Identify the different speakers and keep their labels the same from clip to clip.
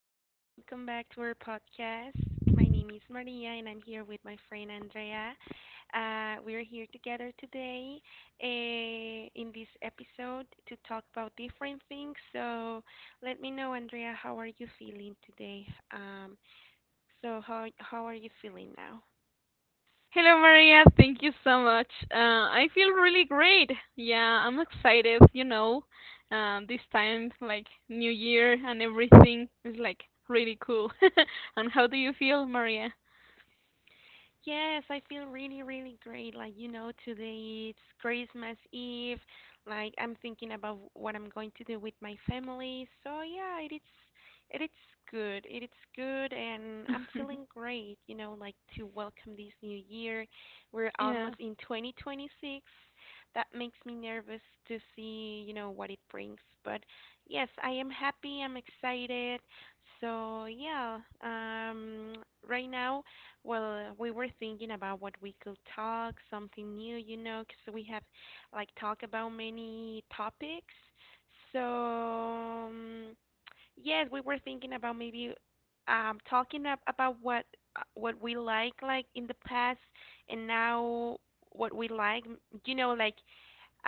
Speaker 1: everyone, and welcome back to our podcast. My name is Maria, and I'm here with my friend Andrea. We're here together today in this episode to talk about different things. So, let me know, Andrea, how are you feeling today? Um, how are you feeling now?
Speaker 2: Hello, Maria. Thank you so much. I feel really great. Yeah, I'm excited. This time, like New Year and everything is like really cool. And how do you feel, Maria?
Speaker 1: Yes, I feel really, really great. Like, you know, today it's Christmas Eve. Like, I'm thinking about what I'm going to do with my family. So, yeah, it is good. It is good and I'm feeling great, you know, like to welcome this new year. We're
Speaker 2: Yeah.
Speaker 1: almost in 2026. That makes me nervous to see, you know, what it brings. But yes, I am happy. I'm excited. So, yeah, right now, well, we were thinking about what we could talk, something new, you know, 'cause we have like talked about many topics. So, um, yes, we were thinking about maybe talking ab about what we like in the past and now what we like, you know, like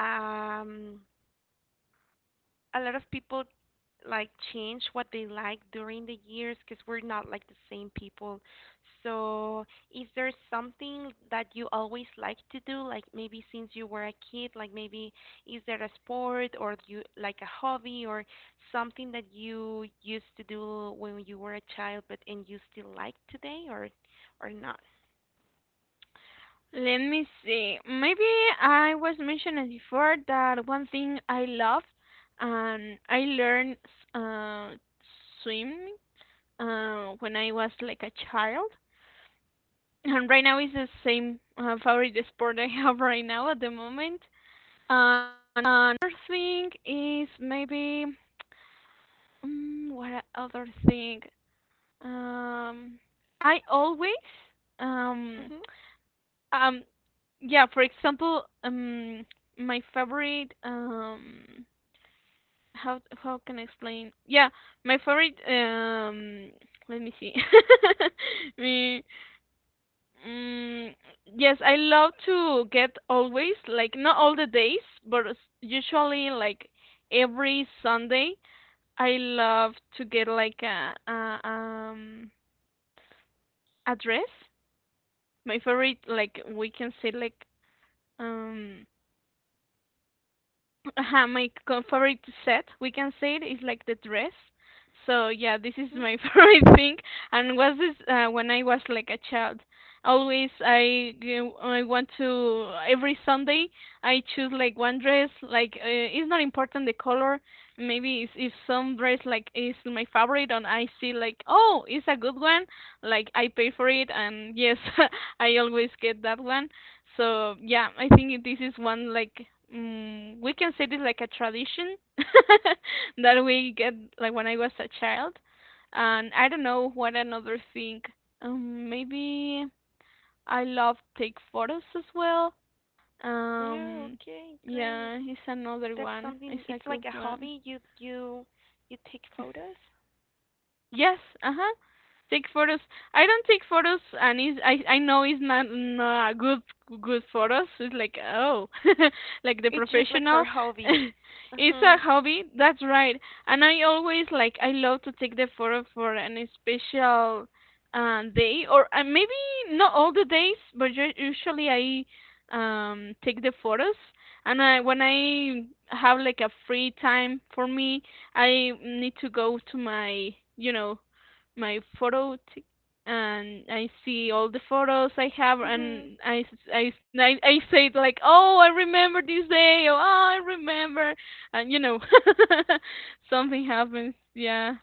Speaker 1: um a lot of people like change what they like during the years because we're not like the same people. So, is there something that you always like to do, like maybe since you were a kid, like maybe is there a sport or you like a hobby or something that you used to do when you were a child but and you still like today or not?
Speaker 2: Let me see. Maybe I was mentioning before that one thing I love, I learned uh, swimming when I was like a child. And right now is the same favorite sport I have right now at the moment. And another thing is maybe mm what other thing? Um, I always um
Speaker 1: Mhm.
Speaker 2: um yeah. For example, my favorite how can I explain? Yeah, my favorite let me see. me Mm, yes, I love to get always, like not all the days, but usually like every Sunday, I love to get like a dress. My favorite, like we can say like um Uh-huh, my favorite set, we can say it is like the dress. So yeah, this is
Speaker 1: Mhm.
Speaker 2: my favorite thing, and was this when I was like a child. Always I want to every Sunday I choose like one dress. Like it's not important the color. Maybe if some dress like is my favorite and I see like oh it's a good one, like I pay for it and yes I always get that one. So yeah, I think this is one like we can say this like a tradition that we get like when I was a child, and I don't know what another thing. Maybe I love take photos as well.
Speaker 1: Yeah,
Speaker 2: Um,
Speaker 1: okay, great.
Speaker 2: yeah, it's another
Speaker 1: That's
Speaker 2: one. It's
Speaker 1: something
Speaker 2: a
Speaker 1: it's like
Speaker 2: good
Speaker 1: a
Speaker 2: one.
Speaker 1: hobby. You you take photos?
Speaker 2: Yes, uh-huh. Take photos. I don't take photos, and it's, I know it's not good photos. It's like oh, like the
Speaker 1: It's just like for
Speaker 2: professional.
Speaker 1: hobby.
Speaker 2: it's a
Speaker 1: Mhm.
Speaker 2: hobby. That's right. And I always like I love to take the photo for an special day, or maybe not all the days, but usually I take the photos. And I when I have like a free time for me, I need to go to you know, my photo and I see all the photos I have
Speaker 1: Mhm.
Speaker 2: and I say it like, oh, I remember this day, or oh, I remember, and something happens, yeah,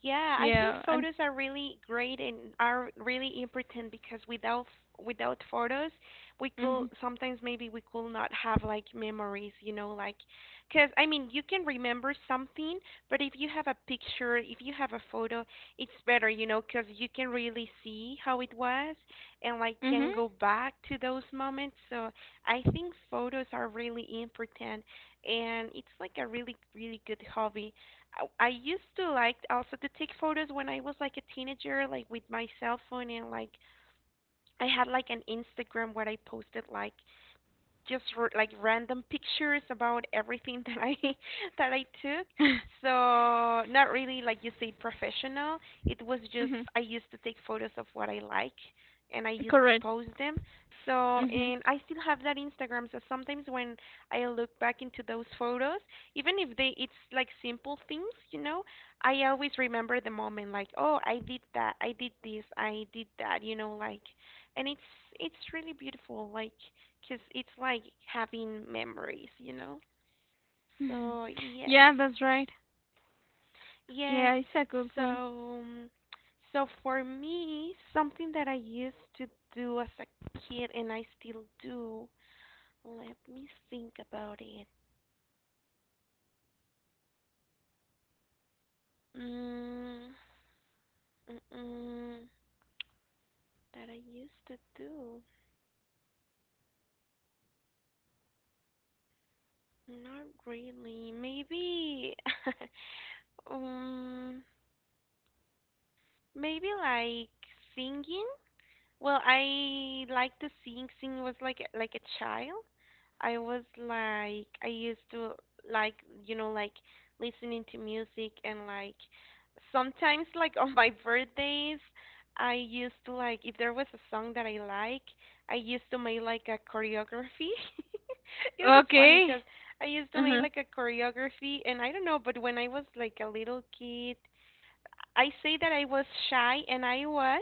Speaker 1: Yeah, I think
Speaker 2: yeah, and
Speaker 1: photos are really great and are really important because without without photos, we could
Speaker 2: mhm,
Speaker 1: sometimes maybe we could not have like memories, you know, like because I mean you can remember something, but if you have a picture, if you have a photo, it's better, you know, because you can really see how it was and like
Speaker 2: mhm,
Speaker 1: can go back to those moments. So I think photos are really important, and it's like a really really good hobby. I used to like also to take photos when I was like a teenager, like with my cell phone and like I had like an Instagram where I posted like like random pictures about everything that I that I took. So not really like you say professional. It was just
Speaker 2: mhm,
Speaker 1: I used to take photos of what I like and I used to
Speaker 2: correct,
Speaker 1: post them. So
Speaker 2: mhm,
Speaker 1: and I still have that Instagram. So sometimes when I look back into those photos, even if they it's like simple things, you know, I always remember the moment like, oh, I did that, I did this, I did that, you know, like and it's really beautiful like because it's like having memories, you know.
Speaker 2: mhm.
Speaker 1: So yes,
Speaker 2: Yeah, that's right.
Speaker 1: yes.
Speaker 2: Yeah, it's a good
Speaker 1: So
Speaker 2: one.
Speaker 1: um, so for me, something that I used to do as a kid and I still do. Let me think about it. Mm, mm-mm, that I used to do. Not really. Maybe. um, maybe like singing. Well, I like to sing. Sing was like like a child. I was like I used to like you know like listening to music and like sometimes like on my birthdays I used to like if there was a song that I like I used to make like a choreography. It was funny
Speaker 2: Okay.
Speaker 1: because I used to make
Speaker 2: Uh
Speaker 1: like a choreography and I don't know but when I was like a little kid I say that I was shy and I was,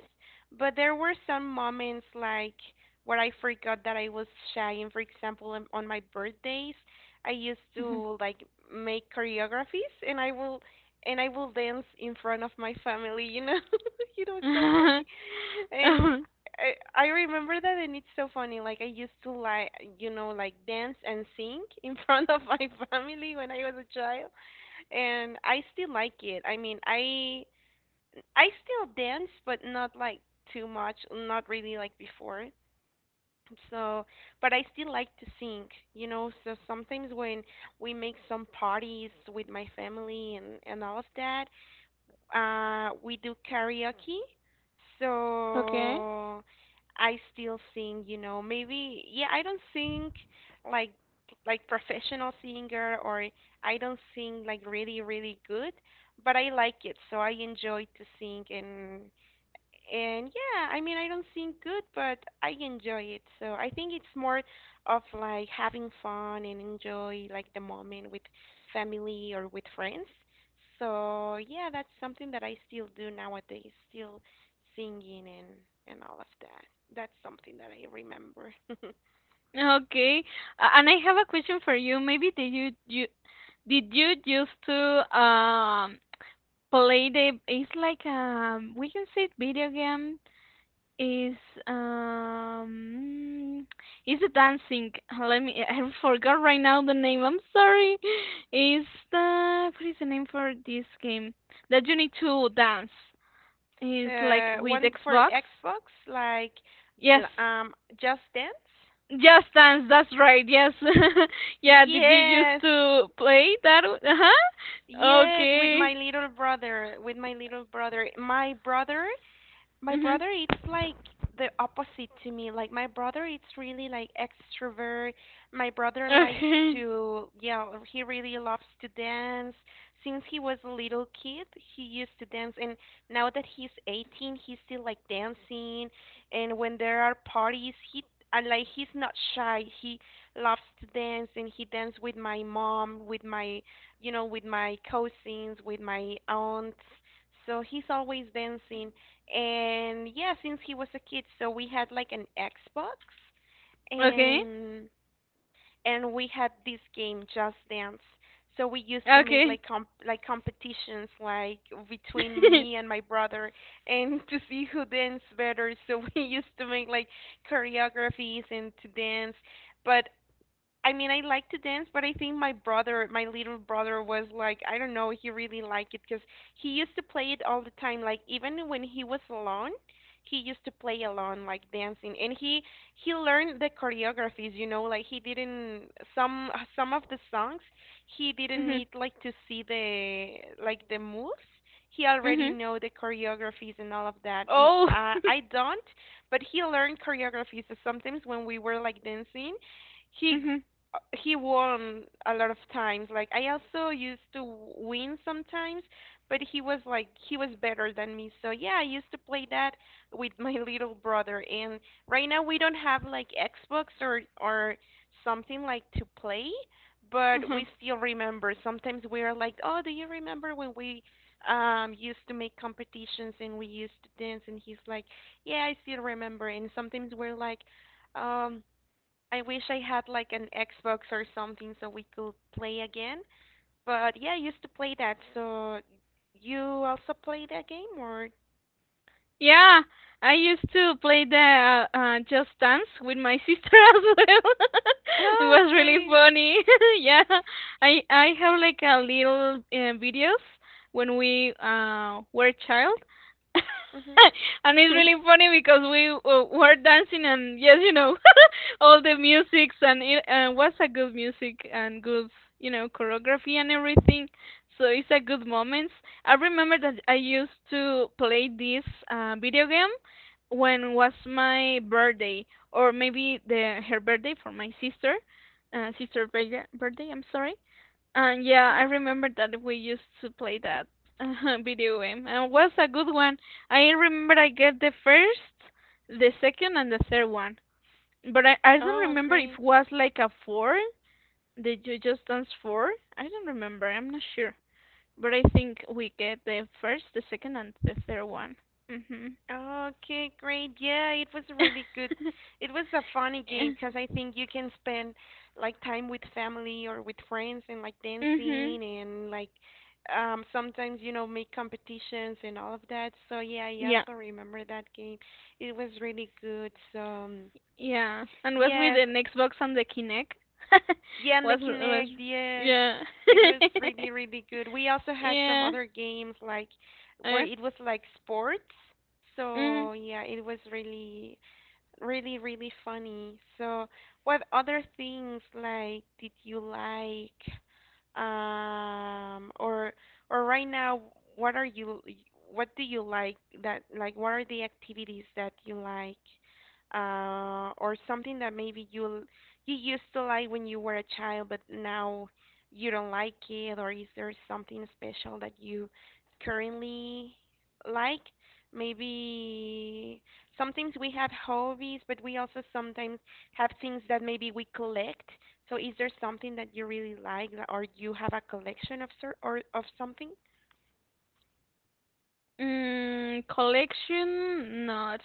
Speaker 1: but there were some moments like where I forgot that I was shy. And for example, on my birthdays, I used to like make choreographies and I will dance in front of my family, you know. you know, it's so funny.
Speaker 2: huh. Uh
Speaker 1: And
Speaker 2: huh.
Speaker 1: I remember that and it's so funny. Like I used to like, you know, like dance and sing in front of my family when I was a child and I still like it. I mean, I still dance, but not like too much, not really like before. So, but I still like to sing, you know. So sometimes when we make some parties with my family and all of that, we do karaoke.
Speaker 2: Okay.
Speaker 1: So I still sing, you know. Maybe yeah, I don't sing like like professional singer or I don't sing like really really good, but I like it. So I enjoy to sing and yeah, I mean, I don't sing good, but I enjoy it. So I think it's more of like having fun and enjoy like the moment with family or with friends. So yeah, that's something that I still do nowadays, still singing and all of that. That's something that I remember.
Speaker 2: Okay. And I have a question for you. Maybe did you used to play the it's like we can say video game is um is a dancing let me I forgot right now the name. I'm sorry. Is the what is the name for this game that you need to dance? Is like
Speaker 1: The
Speaker 2: with
Speaker 1: one for
Speaker 2: Xbox?
Speaker 1: Xbox, like
Speaker 2: Yes.
Speaker 1: l- um, Just Dance.
Speaker 2: Just Dance, that's right. Yes. Yeah, did you used
Speaker 1: Yes,
Speaker 2: to play that? Uh-huh.
Speaker 1: yes, with my
Speaker 2: Okay.
Speaker 1: little brother, with my little brother. My brother my
Speaker 2: Mhm.
Speaker 1: brother it's like the opposite to me. Like my brother it's really like extrovert. My brother likes
Speaker 2: Okay.
Speaker 1: to yeah, he really loves to dance since he was a little kid. He used to dance and now that he's 18 he's still like dancing. And when there are parties he and like he's not shy, he loves to dance and he danced with my mom, with my, you know, with my cousins, with my aunts, so he's always dancing. And yeah, since he was a kid, so we had like an Xbox
Speaker 2: Okay.
Speaker 1: and and we had this game Just Dance. So we used to make
Speaker 2: Okay.
Speaker 1: like like competitions like between me and my brother and to see who danced better. So we used to make like choreographies and to dance. But I mean, I like to dance, but I think my brother, my little brother, was like, I don't know, he really liked it because he used to play it all the time. Like even when he was alone, he used to play alone, like dancing, and he learned the choreographies. You know, like he didn't some of the songs, he didn't
Speaker 2: Mhm.
Speaker 1: need like to see the like the moves. He already
Speaker 2: Mhm.
Speaker 1: know the choreographies and all of that.
Speaker 2: Oh.
Speaker 1: I don't, but he learned choreographies. So sometimes when we were like dancing he
Speaker 2: Mhm.
Speaker 1: he won a lot of times. Like I also used to win sometimes, but he was like he was better than me. So yeah, I used to play that with my little brother. And right now we don't have like Xbox or something like to play, but
Speaker 2: Uh-huh.
Speaker 1: we still remember. Sometimes we are like, oh, do you remember when we used to make competitions and we used to dance? And he's like, yeah, I still remember. And sometimes we're like. Um, I wish I had like an Xbox or something so we could play again. But yeah, I used to play that. So you also play that game or?
Speaker 2: Yeah, I used to play the Just Dance with my sister as well. It
Speaker 1: Oh,
Speaker 2: was really
Speaker 1: great.
Speaker 2: funny. Yeah, I have like a little videos when we were child.
Speaker 1: Mhm.
Speaker 2: And it's really funny because we were dancing and yes, all the musics and it was a good music and good, choreography and everything. So it's a good moment. I remember that I used to play this video game when was my birthday, or maybe the her birthday for my sister, sister birthday. Birthday, I'm sorry. And yeah, I
Speaker 1: mhm.
Speaker 2: remember that we used to play that video game, and it was a good one. I remember I get the first, the second, and the third one, but I don't
Speaker 1: Oh,
Speaker 2: remember if
Speaker 1: great.
Speaker 2: was like a four. Did you just dance four? I don't remember. I'm not sure. But I think we get the first, the second, and the third one. Mhm.
Speaker 1: Okay, great. Yeah, it was really good. It was a funny
Speaker 2: Yeah.
Speaker 1: game because I think you can spend like time with family or with friends and like
Speaker 2: Mhm.
Speaker 1: dancing and like sometimes you know make competitions and all of that. So yeah, I
Speaker 2: Yeah.
Speaker 1: also remember that game. It was really good. So
Speaker 2: Yeah. And was with the
Speaker 1: yes,
Speaker 2: Xbox and the Kinect.
Speaker 1: yeah, and the
Speaker 2: was
Speaker 1: Kinect, yes.
Speaker 2: yeah.
Speaker 1: It was really, really good. We also had some
Speaker 2: yeah.
Speaker 1: other games like where
Speaker 2: Uh,
Speaker 1: it was like sports.
Speaker 2: mm,
Speaker 1: So yeah, it was really really, really funny. So, what other things like did you like? Um, or or right now, what are you? What do you like? That like, what are the activities that you like? Or something that maybe you you used to like when you were a child, but now you don't like it. Or is there something special that you currently like? Maybe sometimes we have hobbies, but we also sometimes have things that maybe we collect, so is there something that you really like that- or you have a collection of sir or of something?
Speaker 2: Collection not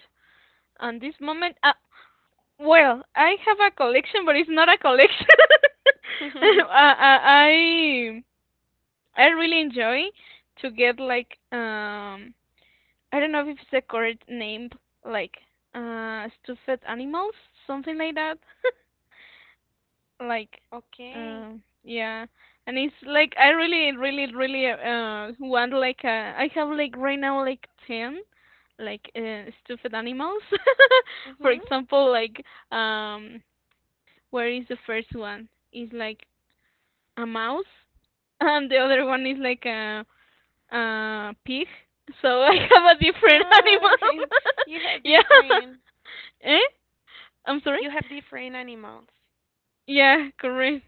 Speaker 2: on this moment. Well, I have a collection, but it's not a collection. I I I really enjoy to get like I don't know if it's the correct name, like stuffed animals, something like that. like
Speaker 1: Okay.
Speaker 2: yeah. And it's like I really, really, really want like a. I have like right now like 10 like stuffed animals. For
Speaker 1: Mhm.
Speaker 2: example, like um where is the first one? It's like a mouse and the other one is like a pig. So I have a different
Speaker 1: Ah,
Speaker 2: animal.
Speaker 1: you have
Speaker 2: yeah.
Speaker 1: different
Speaker 2: Eh? I'm sorry?
Speaker 1: you have different animals.
Speaker 2: Yeah, correct.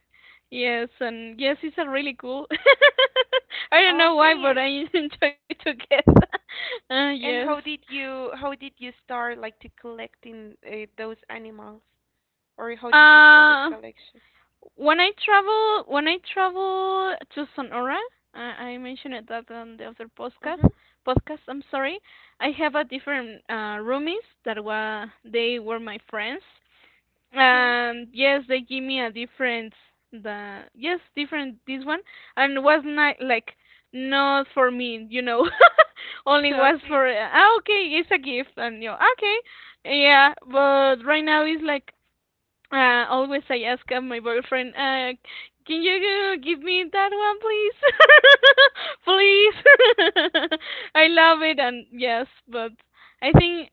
Speaker 2: Yes, and yes, it's a really cool. I don't know why,
Speaker 1: Okay.
Speaker 2: but
Speaker 1: And,
Speaker 2: I enjoy to get. Yes.
Speaker 1: how did you start like to collecting those animals or how did you start the
Speaker 2: Uh,
Speaker 1: collection?
Speaker 2: when I travel to Sonora, I mentioned it that on the other podcast.
Speaker 1: Mhm.
Speaker 2: Podcast, I'm sorry. I have a different roomies that were they were my friends
Speaker 1: Mhm.
Speaker 2: and yes they give me a different the yes different this one and was not like not for me only was
Speaker 1: Okay.
Speaker 2: for okay it's a gift and okay yeah but right now it's like always I ask my boyfriend, can you give me that one, please? Please. I love it, and yes, but I think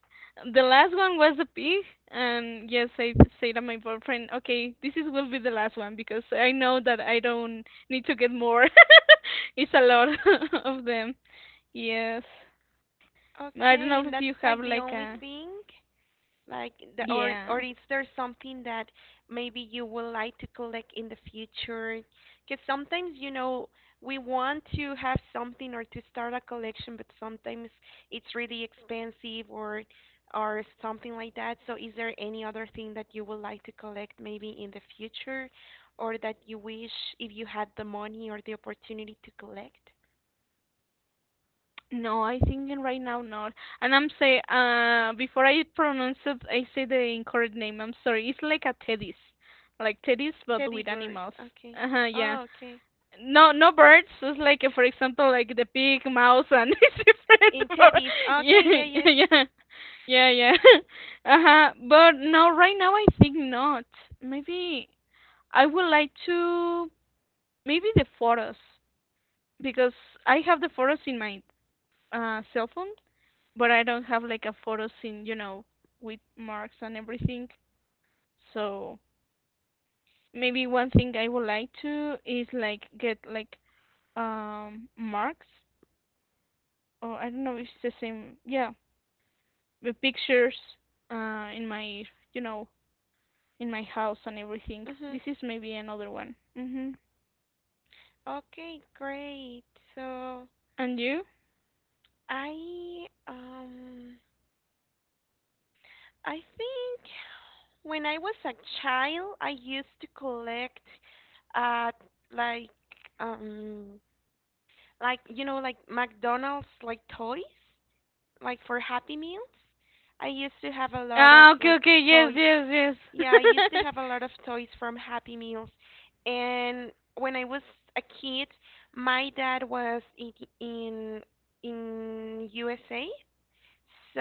Speaker 2: the last one was the pig, and yes, I say to my boyfriend, okay, this is will be the last one because I know that I don't need to get more. It's a lot of them. Yes, I don't
Speaker 1: Okay,
Speaker 2: know
Speaker 1: and
Speaker 2: if you
Speaker 1: that's
Speaker 2: have
Speaker 1: like the
Speaker 2: like
Speaker 1: only
Speaker 2: a
Speaker 1: thing? Like the,
Speaker 2: yeah.
Speaker 1: or is there something that maybe you would like to collect in the future? Because sometimes, you know, we want to have something or to start a collection, but sometimes it's really expensive or something like that. So is there any other thing that you would like to collect maybe in the future or that you wish if you had the money or the opportunity to collect?
Speaker 2: No, I think right now not. And I'm say before I pronounce it, I say the incorrect name. I'm sorry. It's like a teddies, like teddies but
Speaker 1: Teddy
Speaker 2: with
Speaker 1: bears.
Speaker 2: animals.
Speaker 1: Okay.
Speaker 2: Uh huh. Yeah.
Speaker 1: Oh, okay.
Speaker 2: No, no birds. It's like for example, like the pig, mouse, and it's different.
Speaker 1: In teddies. Okay, yeah,
Speaker 2: Yeah,
Speaker 1: yes.
Speaker 2: yeah, yeah, yeah. Uh huh. But no, right now I think not. Maybe I would like to. Maybe the photos because I have the photos in my cell phone but I don't have like a photo scene, with marks and everything. So maybe one thing I would like to is like get like marks or I don't know if it's the same. Yeah, the pictures uh in my you know in my house and everything.
Speaker 1: Mhm.
Speaker 2: This is maybe another one. Mhm.
Speaker 1: Okay, great. So
Speaker 2: And you?
Speaker 1: I um I think when I was a child, I used to collect uh like um McDonald's like toys like for Happy Meals. I used to have a lot of
Speaker 2: Ah, okay,
Speaker 1: like
Speaker 2: okay, yes,
Speaker 1: toys.
Speaker 2: yes,
Speaker 1: Yeah, I used to
Speaker 2: yes.
Speaker 1: have a lot of toys from Happy Meals. And when I was a kid, my dad was in in USA,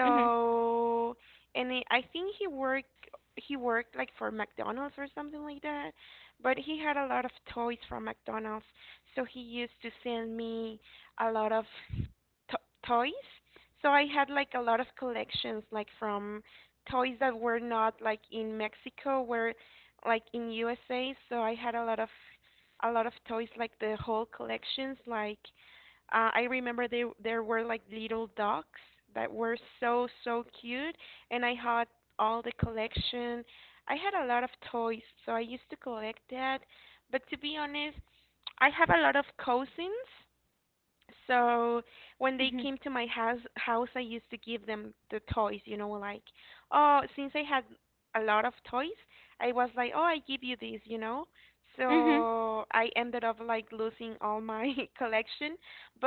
Speaker 2: Mhm,
Speaker 1: and I think he worked, he worked like for McDonald's or something like that, but he had a lot of toys from McDonald's, so he used to send me a lot of to- toys. So I had like a lot of collections like from toys that were not like in Mexico, were like in USA. So I had a lot of toys like the whole collections like I remember they there were like little dogs that were so so cute, and I had all the collection. I had a lot of toys, so I used to collect that. But to be honest, I have a lot of cousins, so when they
Speaker 2: mhm,
Speaker 1: came to my house, I used to give them the toys, you know, like, oh, since I had a lot of toys, I was like, oh, I give you this, you know.
Speaker 2: mhm.
Speaker 1: So I ended up like losing all my collection, but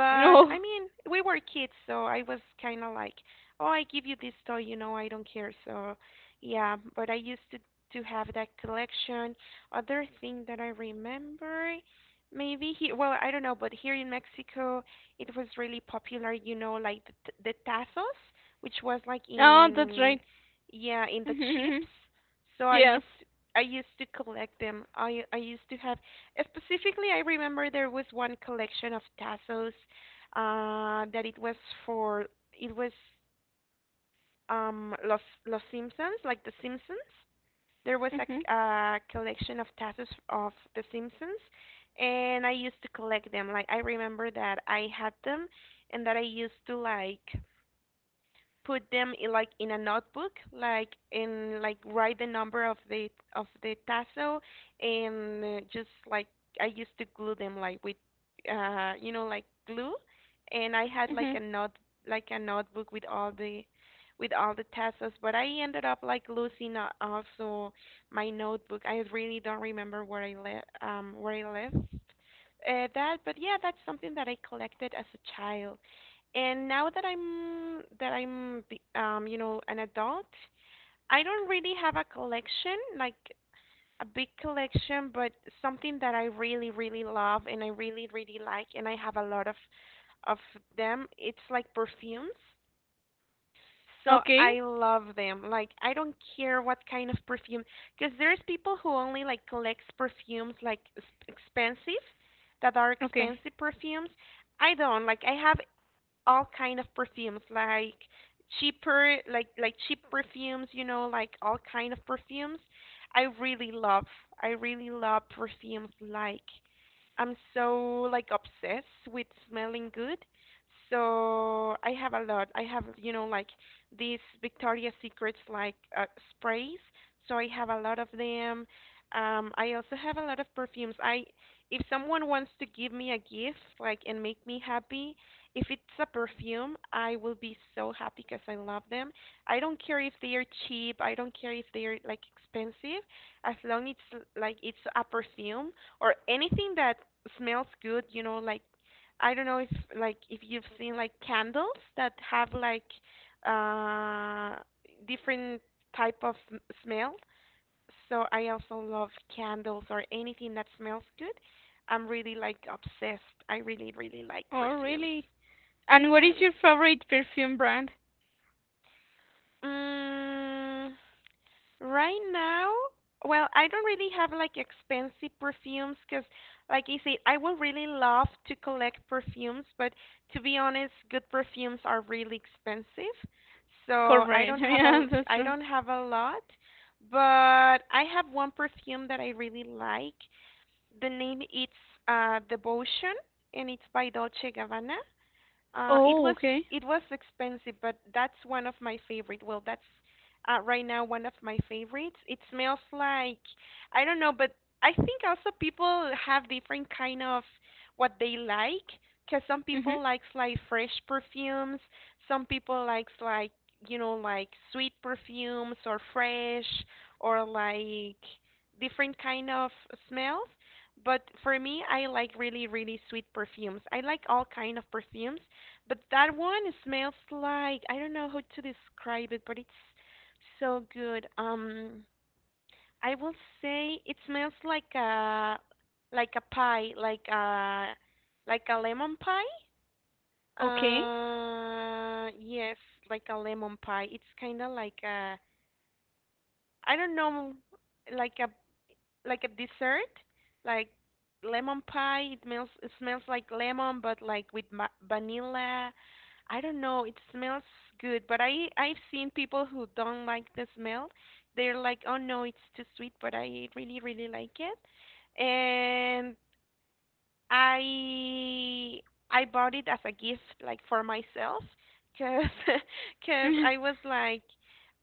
Speaker 1: I
Speaker 2: Oh,
Speaker 1: mean, we were kids, so I was kind of like, oh, I give you this toy, you know, I don't care. So yeah, but I used to have that collection. Other thing that I remember, maybe here, well, I don't know, but here in Mexico it was really popular, you know, like the tazos, which was like
Speaker 2: oh, that's right.
Speaker 1: yeah, in the
Speaker 2: Mhm, mhm, mhm.
Speaker 1: chips. So
Speaker 2: Yes.
Speaker 1: I used to collect them. I used to have specifically. I remember there was one collection of tazos, that for it was Los Simpsons, like the Simpsons. There was
Speaker 2: Mhm,
Speaker 1: a collection of tattoos of The Simpsons, and I used to collect them. Like I remember that I had them, and that I used to like put them in like in a notebook like in like write the number of the tassel and just like I used to glue them like with glue and I had like
Speaker 2: mhm.
Speaker 1: a note like a notebook with all the tassels but I ended up like losing also my notebook. I really don't remember where I left that but yeah that's something that I collected as a child. And now that you know, an adult, I don't really have a collection like a big collection, but something that I really really love and I really really like, and I have a lot of of them. It's like perfumes. So I
Speaker 2: Okay.
Speaker 1: love them. Like I don't care what kind of perfume, because there's people who only like collects perfumes like expensive, that are
Speaker 2: Okay.
Speaker 1: expensive perfumes. I don't like. I have all kind of perfumes like cheaper like cheap perfumes, you know, like all kind of perfumes. i really love I really love perfumes like I'm so like obsessed with smelling good. So I have a lot. I have, you know, like these Victoria's Secrets like sprays. So I have a lot of them. I also have a lot of perfumes. If someone wants to give me a gift, like and make me happy, if it's a perfume, I will be so happy because I love them. I don't care if they are cheap. I don't care if they are like expensive as long it's like it's a perfume or anything that smells good, you know, like I don't know if if you've seen like candles that have like uh different type of smell. So I also love candles or anything that smells good. I'm really like obsessed. I really really like
Speaker 2: Oh,
Speaker 1: perfumes.
Speaker 2: really? And what is
Speaker 1: Mhm.
Speaker 2: your favorite perfume brand?
Speaker 1: Mm, Right now, well, I don't really have like expensive perfumes because, like I said, I would really love to collect perfumes, but to be honest, good perfumes are really expensive. So I
Speaker 2: Corporate.
Speaker 1: don't have a
Speaker 2: Yeah, that's true.
Speaker 1: lot, but I have one perfume that I really like. The name it's Devotion and it's by Dolce Gabbana. Uh, it
Speaker 2: Oh,
Speaker 1: was
Speaker 2: okay.
Speaker 1: it was expensive, but that's one of my favorite. Well, that's right now one of my favorites. It smells like I don't know, but I think also people have different kind of what they like. Cause some
Speaker 2: Mhm.
Speaker 1: people likes like fresh perfumes, some people likes like you know like sweet perfumes or fresh or like different kind of smells. But for me, I like really really sweet perfumes. I like all kind of perfumes but that one smells like I don't know how to describe it, but it's so good. I will say it smells like a pie, like a lemon pie.
Speaker 2: Okay.
Speaker 1: Yes, like a lemon pie. It's kind of like a I don't know, like a like a dessert, like lemon pie. It smells like lemon, but like with vanilla. I don't know. It smells good, but I've seen people who don't like the smell. They're like, oh no, it's too sweet, but I really really like it. And I I bought it as a gift, like for myself, cause cause I was like,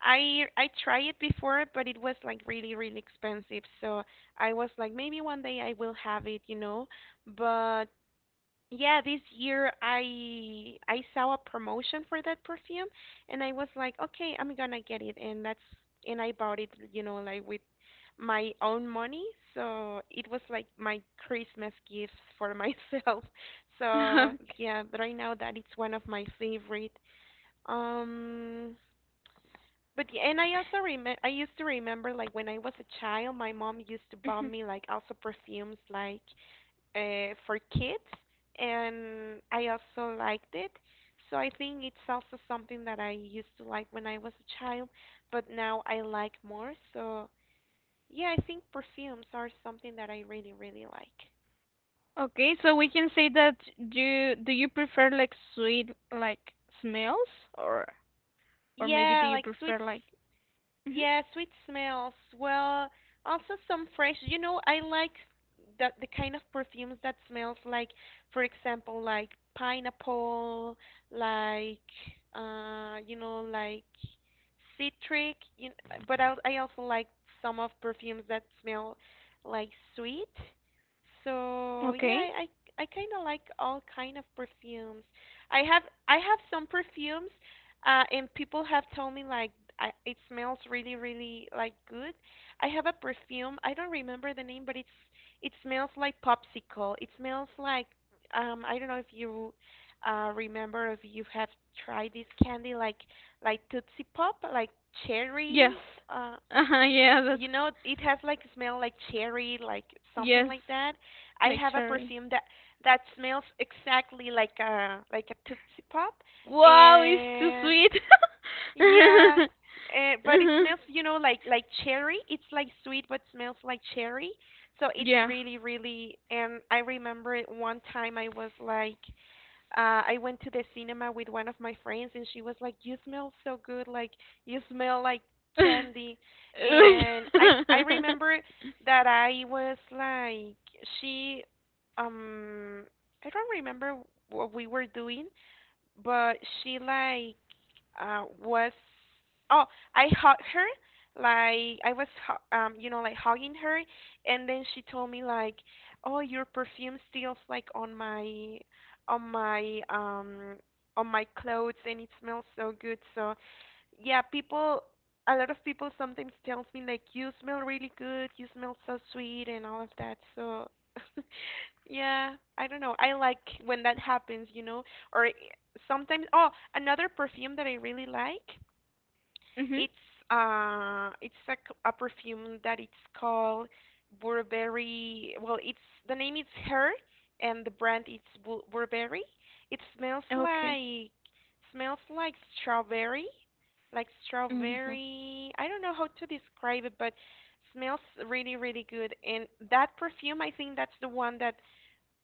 Speaker 1: I tried it before, but it was like really really expensive. So I was like, maybe one day I will have it, you know. But yeah, this year I saw a promotion for that perfume and I was like, okay, I'm gonna get it and that's and I bought it, you know, like with my own money. So it was like my Christmas gift for myself. So
Speaker 2: Okay.
Speaker 1: yeah, but I know that it's one of my favorite. Um, but yeah, and I also remember I used to remember like when I was a child, my mom used to buy
Speaker 2: Mhm.
Speaker 1: me like also perfumes like for kids, and I also liked it. So I think it's also something that I used to like when I was a child, but now I like more. So yeah, I think perfumes are something that I really, really like.
Speaker 2: Okay, so we can say that you do you prefer like sweet like smells or or maybe do
Speaker 1: Yeah,
Speaker 2: you
Speaker 1: like sweets.
Speaker 2: prefer like Mhm.
Speaker 1: Yeah, sweet smells. Well, also some fresh. You know, I like that the kind of perfumes that smells like, for example, like pineapple, like you know, like citric. But I also like some of perfumes that smell like sweet. So yeah,
Speaker 2: Okay.
Speaker 1: I kind of like all kind of perfumes. I have some perfumes and people have told me like it smells really, really like good. I have a perfume. I don't remember the name, but it's it smells like popsicle. It smells like I don't know if you remember if you have tried this candy like Tootsie Pop, like
Speaker 2: Yes.
Speaker 1: cherry. Uh,
Speaker 2: Uh-huh, yeah,
Speaker 1: you know it has like smell like cherry, like something
Speaker 2: yes,
Speaker 1: like that. I
Speaker 2: like
Speaker 1: have a
Speaker 2: cherry.
Speaker 1: perfume that smells exactly like a Tootsie Pop
Speaker 2: Wow, it's too
Speaker 1: and
Speaker 2: sweet.
Speaker 1: yeah, but it
Speaker 2: Mhm.
Speaker 1: smells, you know, like cherry. It's like sweet, but smells like cherry. So it's
Speaker 2: Yeah.
Speaker 1: really, really. And I remember it one time I was like, I went to the cinema with one of my friends, and she was like, "You smell so good, like you smell like candy." And I remember that I was like, she, um, I don't remember what we were doing, but she like was oh I hugged her like you know like hugging her, and then she told me like oh your perfume smells like on my on my um on my clothes, and it smells so good. So yeah, people, a lot of people sometimes tells me like, you smell really good, you smell so sweet, and all of that. So, yeah, I don't know. I like when that happens, you know. Or i- sometimes, oh, another perfume that I really like.
Speaker 2: Mhm.
Speaker 1: It's it's a perfume that it's called Burberry. Well, it's the name is her, and the brand is Burberry. It smells
Speaker 2: Okay.
Speaker 1: like smells like strawberry, like
Speaker 2: Mhm.
Speaker 1: strawberry. I don't know how to describe it, but smells really really good. And that perfume, I think that's the one that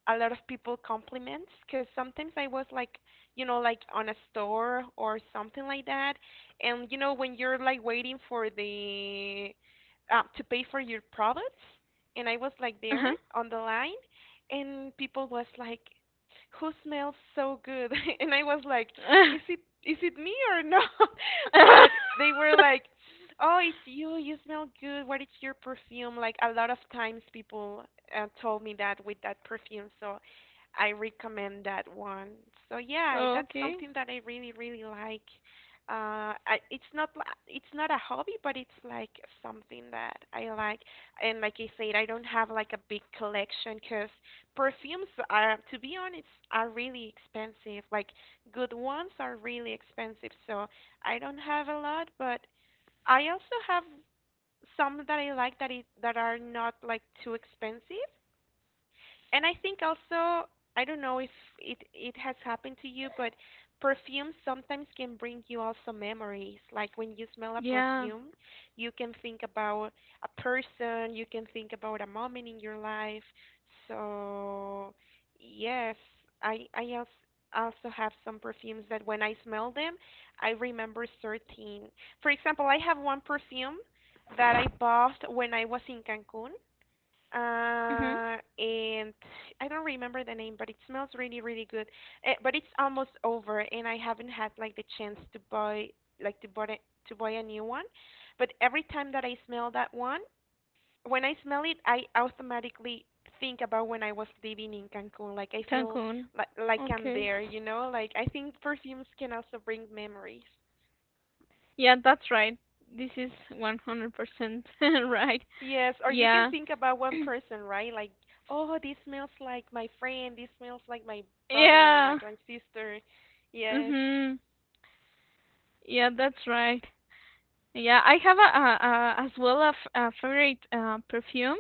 Speaker 1: a lot of people compliments because sometimes I was like, you know, like on a store or something like that, and you know when you're like waiting for the to pay for your products, and I was like there
Speaker 2: Uh-huh.
Speaker 1: on the line, and people was like, who smells so good, and I was like, is it me or not? but they were like, oh, it's you. You smell good. What is your perfume? Like a lot of times people told me that with that perfume. So I recommend that one. So yeah, that's
Speaker 2: Okay.
Speaker 1: something that I really really like. I, it's not li- it's not a hobby, but it's like something that I like. And like I said, I don't have like a big collection because perfumes are, to be honest, are really expensive. Like good ones are really expensive, so I don't have a lot, but I also have some that I like that are not like too expensive. And I think also, I don't know if it has happened to you, but perfumes sometimes can bring you also memories. Like when you smell a
Speaker 2: Yeah.
Speaker 1: perfume, you can think about a person, you can think about a moment in your life. So, yes, I also have some perfumes that when I smell them, I remember certain. For example, I have one perfume that I bought when I was in Cancun
Speaker 2: Mhm.
Speaker 1: and I don't remember the name, but it smells really, really good. But it's almost over, and I haven't had like the chance to buy a new one. But every time that I smell that one, when I smell it, I automatically think about when I was living in Cancun. Like I feel
Speaker 2: Cancun.
Speaker 1: like I'm
Speaker 2: Okay.
Speaker 1: there. Like I think perfumes can also bring memories.
Speaker 2: Yeah, that's right. This is 100% right.
Speaker 1: Yes, or you can
Speaker 2: Yeah.
Speaker 1: think about one person, right? Like, oh, this smells like my friend, this smells like my brother,
Speaker 2: Yeah.
Speaker 1: like my sister. Yes.
Speaker 2: Mhm. Yeah, that's right. Yeah, I have a as well a favorite perfume.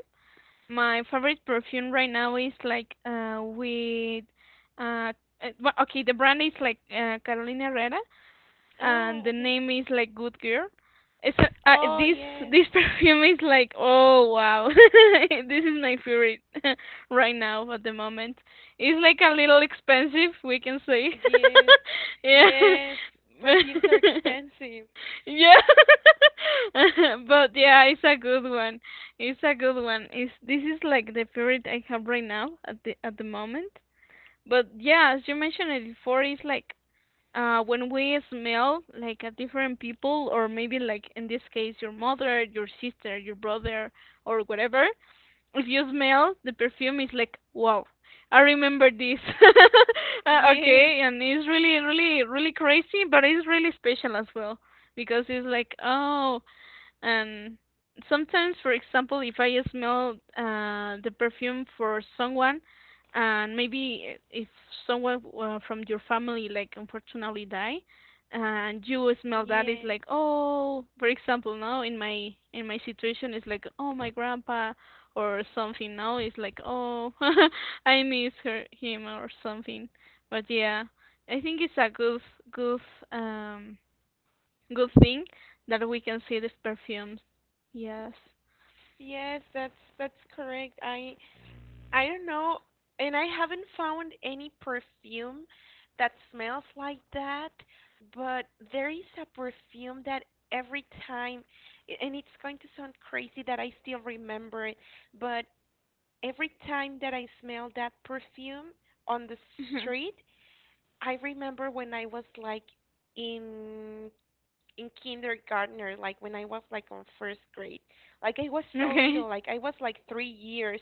Speaker 2: My favorite perfume right now is like with uh well, okay the brand is like Carolina Herrera and the
Speaker 1: Oh, mhm.
Speaker 2: name is like Good Girl. It's
Speaker 1: Oh,
Speaker 2: this
Speaker 1: yes.
Speaker 2: this perfume is like oh wow. This is my favorite right now at the moment. It's like a little expensive we can say.
Speaker 1: Yes.
Speaker 2: Yeah.
Speaker 1: Yes. Perfumes are expensive.
Speaker 2: Yeah. But yeah, it's a good one. It's a good one. It's this is like the favorite I have right now at the moment. But yeah, as you mentioned it before, it's like when we smell like a different people or maybe like in this case your mother, your sister, your brother or whatever, if you smell the perfume, it's like wow. I remember this.
Speaker 1: Yes.
Speaker 2: Okay, and it's really, really, really crazy, but it's really special as well because it's like, oh, and sometimes, for example, if I smell the perfume for someone, and maybe if someone from your family like unfortunately die, and you smell that, it's
Speaker 1: Yes.
Speaker 2: like oh, for example, now in my situation, it's like oh my grandpa or something. Now it's like oh, I miss her him or something. But yeah, I think it's a good um Good thing that we can see these perfumes. Yes.
Speaker 1: Yes, that's correct. I don't know, and I haven't found any perfume that smells like that, but there is a perfume that every time, and it's going to sound crazy that I still remember it, but every time that I smell that perfume on the
Speaker 2: Hmm.
Speaker 1: street, I remember when I was like in in kindergartner, like when I was like on first grade. Like I was so
Speaker 2: Okay.
Speaker 1: little, like I was like 3 years,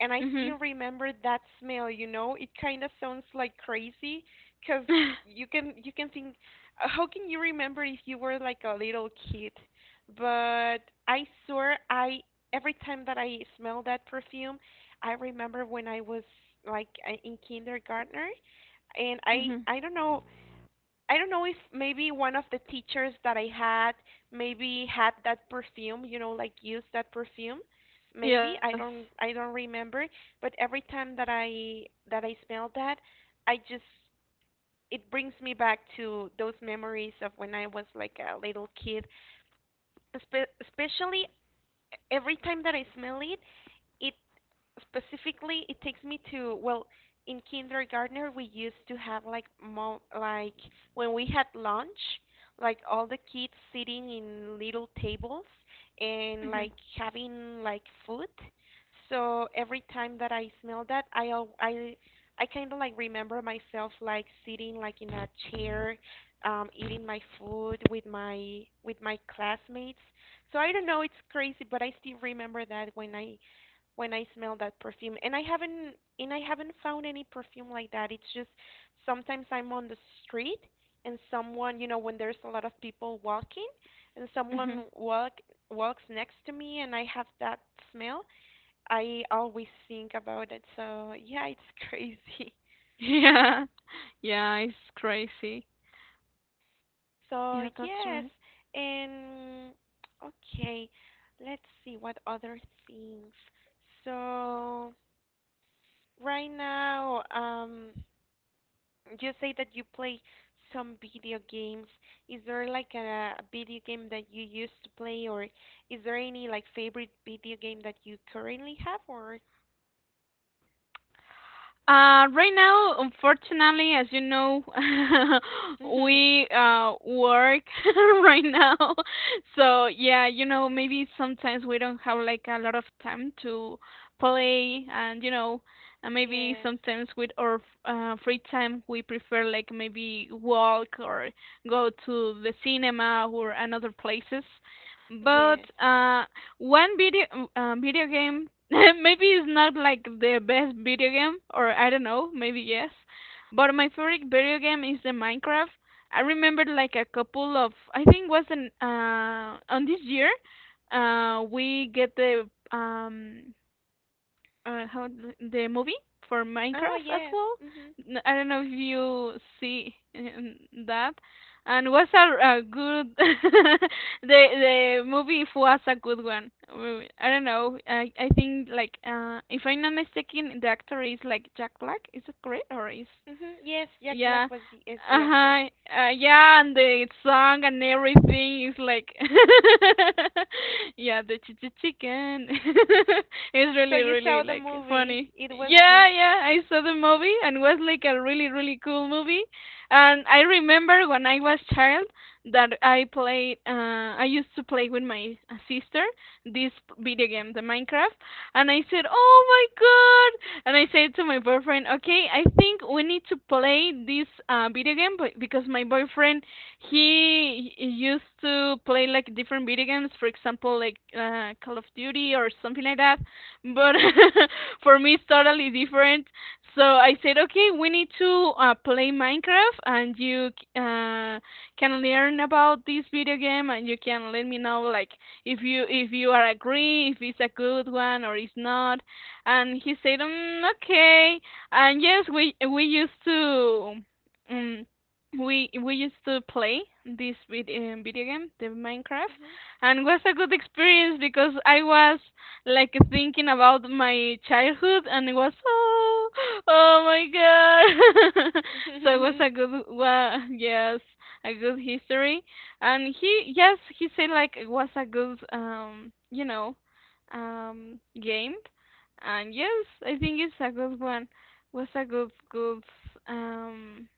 Speaker 1: and I
Speaker 2: Hmm.
Speaker 1: still remember that smell. You know, it kind of sounds like crazy, cause you can think, how can you remember if you were like a little kid? But I swear, I every time that I smell that perfume, I remember when I was like in kindergarten, and I
Speaker 2: Hmm.
Speaker 1: I don't know I don't know if maybe one of the teachers that I had maybe had that perfume, you know, like used that perfume.
Speaker 2: Yes.
Speaker 1: Maybe I don't remember, but every time that I smell that, I just it brings me back to those memories of when I was like a little kid. Especially every time that I smell it, it specifically it takes me to well in kindergarten we used to have like mo- like when we had lunch like all the kids sitting in little tables and
Speaker 2: Hmm.
Speaker 1: like having like food so every time that I smell that I al- I kind of like remember myself like sitting like in a chair eating my food with my classmates so I don't know it's crazy but I still remember that when I smell that perfume. And I haven't found any perfume like that. It's just sometimes I'm on the street and someone, when there's a lot of people walking and
Speaker 2: Hmm.
Speaker 1: someone walks next to me and I have that smell, I always think about it. So, yeah, it's crazy.
Speaker 2: Yeah. Yeah, it's crazy.
Speaker 1: So,
Speaker 2: Yeah, that's
Speaker 1: yes.
Speaker 2: right.
Speaker 1: And okay, let's see what other things. So, right now, you say that you play some video games. Is there like a video game that you used to play, or is there any like favorite video game that you currently have, or?
Speaker 2: Right now, unfortunately, as you know, we work right now. So yeah, you know, maybe sometimes we don't have like a lot of time to play, and you know, and maybe
Speaker 1: Yeah.
Speaker 2: sometimes with our free time, we prefer like maybe walk or go to the cinema or another places. But
Speaker 1: Yes.
Speaker 2: one video video game maybe it's not like the best video game, or I don't know, maybe yes. But my favorite video game is the Minecraft. I remember like a couple of I think was an on this year, we get the how the movie for
Speaker 1: Oh,
Speaker 2: Minecraft as
Speaker 1: yes.
Speaker 2: well.
Speaker 1: Mhm.
Speaker 2: I don't know if you see that, and was a good the movie was a good one. I don't know. I think like if I'm not mistaken, the actor is like Jack Black. Is it correct or is
Speaker 1: Mhm. Yes, Jack
Speaker 2: yeah.
Speaker 1: Black was is the actor.
Speaker 2: Uh-huh. Yeah, and the song and everything is like Yeah, the ch ch chicken. It's
Speaker 1: So
Speaker 2: really
Speaker 1: you
Speaker 2: really
Speaker 1: saw the
Speaker 2: like
Speaker 1: movie.
Speaker 2: funny.
Speaker 1: It was
Speaker 2: Yeah,
Speaker 1: good.
Speaker 2: yeah, I saw the movie and was like a really really cool movie. And I remember when I was child that I played I used to play with my sister this video game, the Minecraft, and I said, "Oh my god!" And I said to my boyfriend, "Okay, I think we need to play this video game because my boyfriend he used to play like different video games, for example, like Call of Duty or something like that. But
Speaker 1: Mhm.
Speaker 2: for me, it's totally different. So I said, "Okay, we need to play Minecraft, and you." Uh, can learn about this video game and you can let me know like if you are agree if it's a good one or it's not and he said mm, okay and yes we used to um, we used to play this video game the Minecraft and it was a good experience because I was like thinking about my childhood and it was oh my god. So it was
Speaker 1: Mhm.
Speaker 2: a good well yes a good history and he yes he said like it was a good game, and yes I think it's a good one, was a good um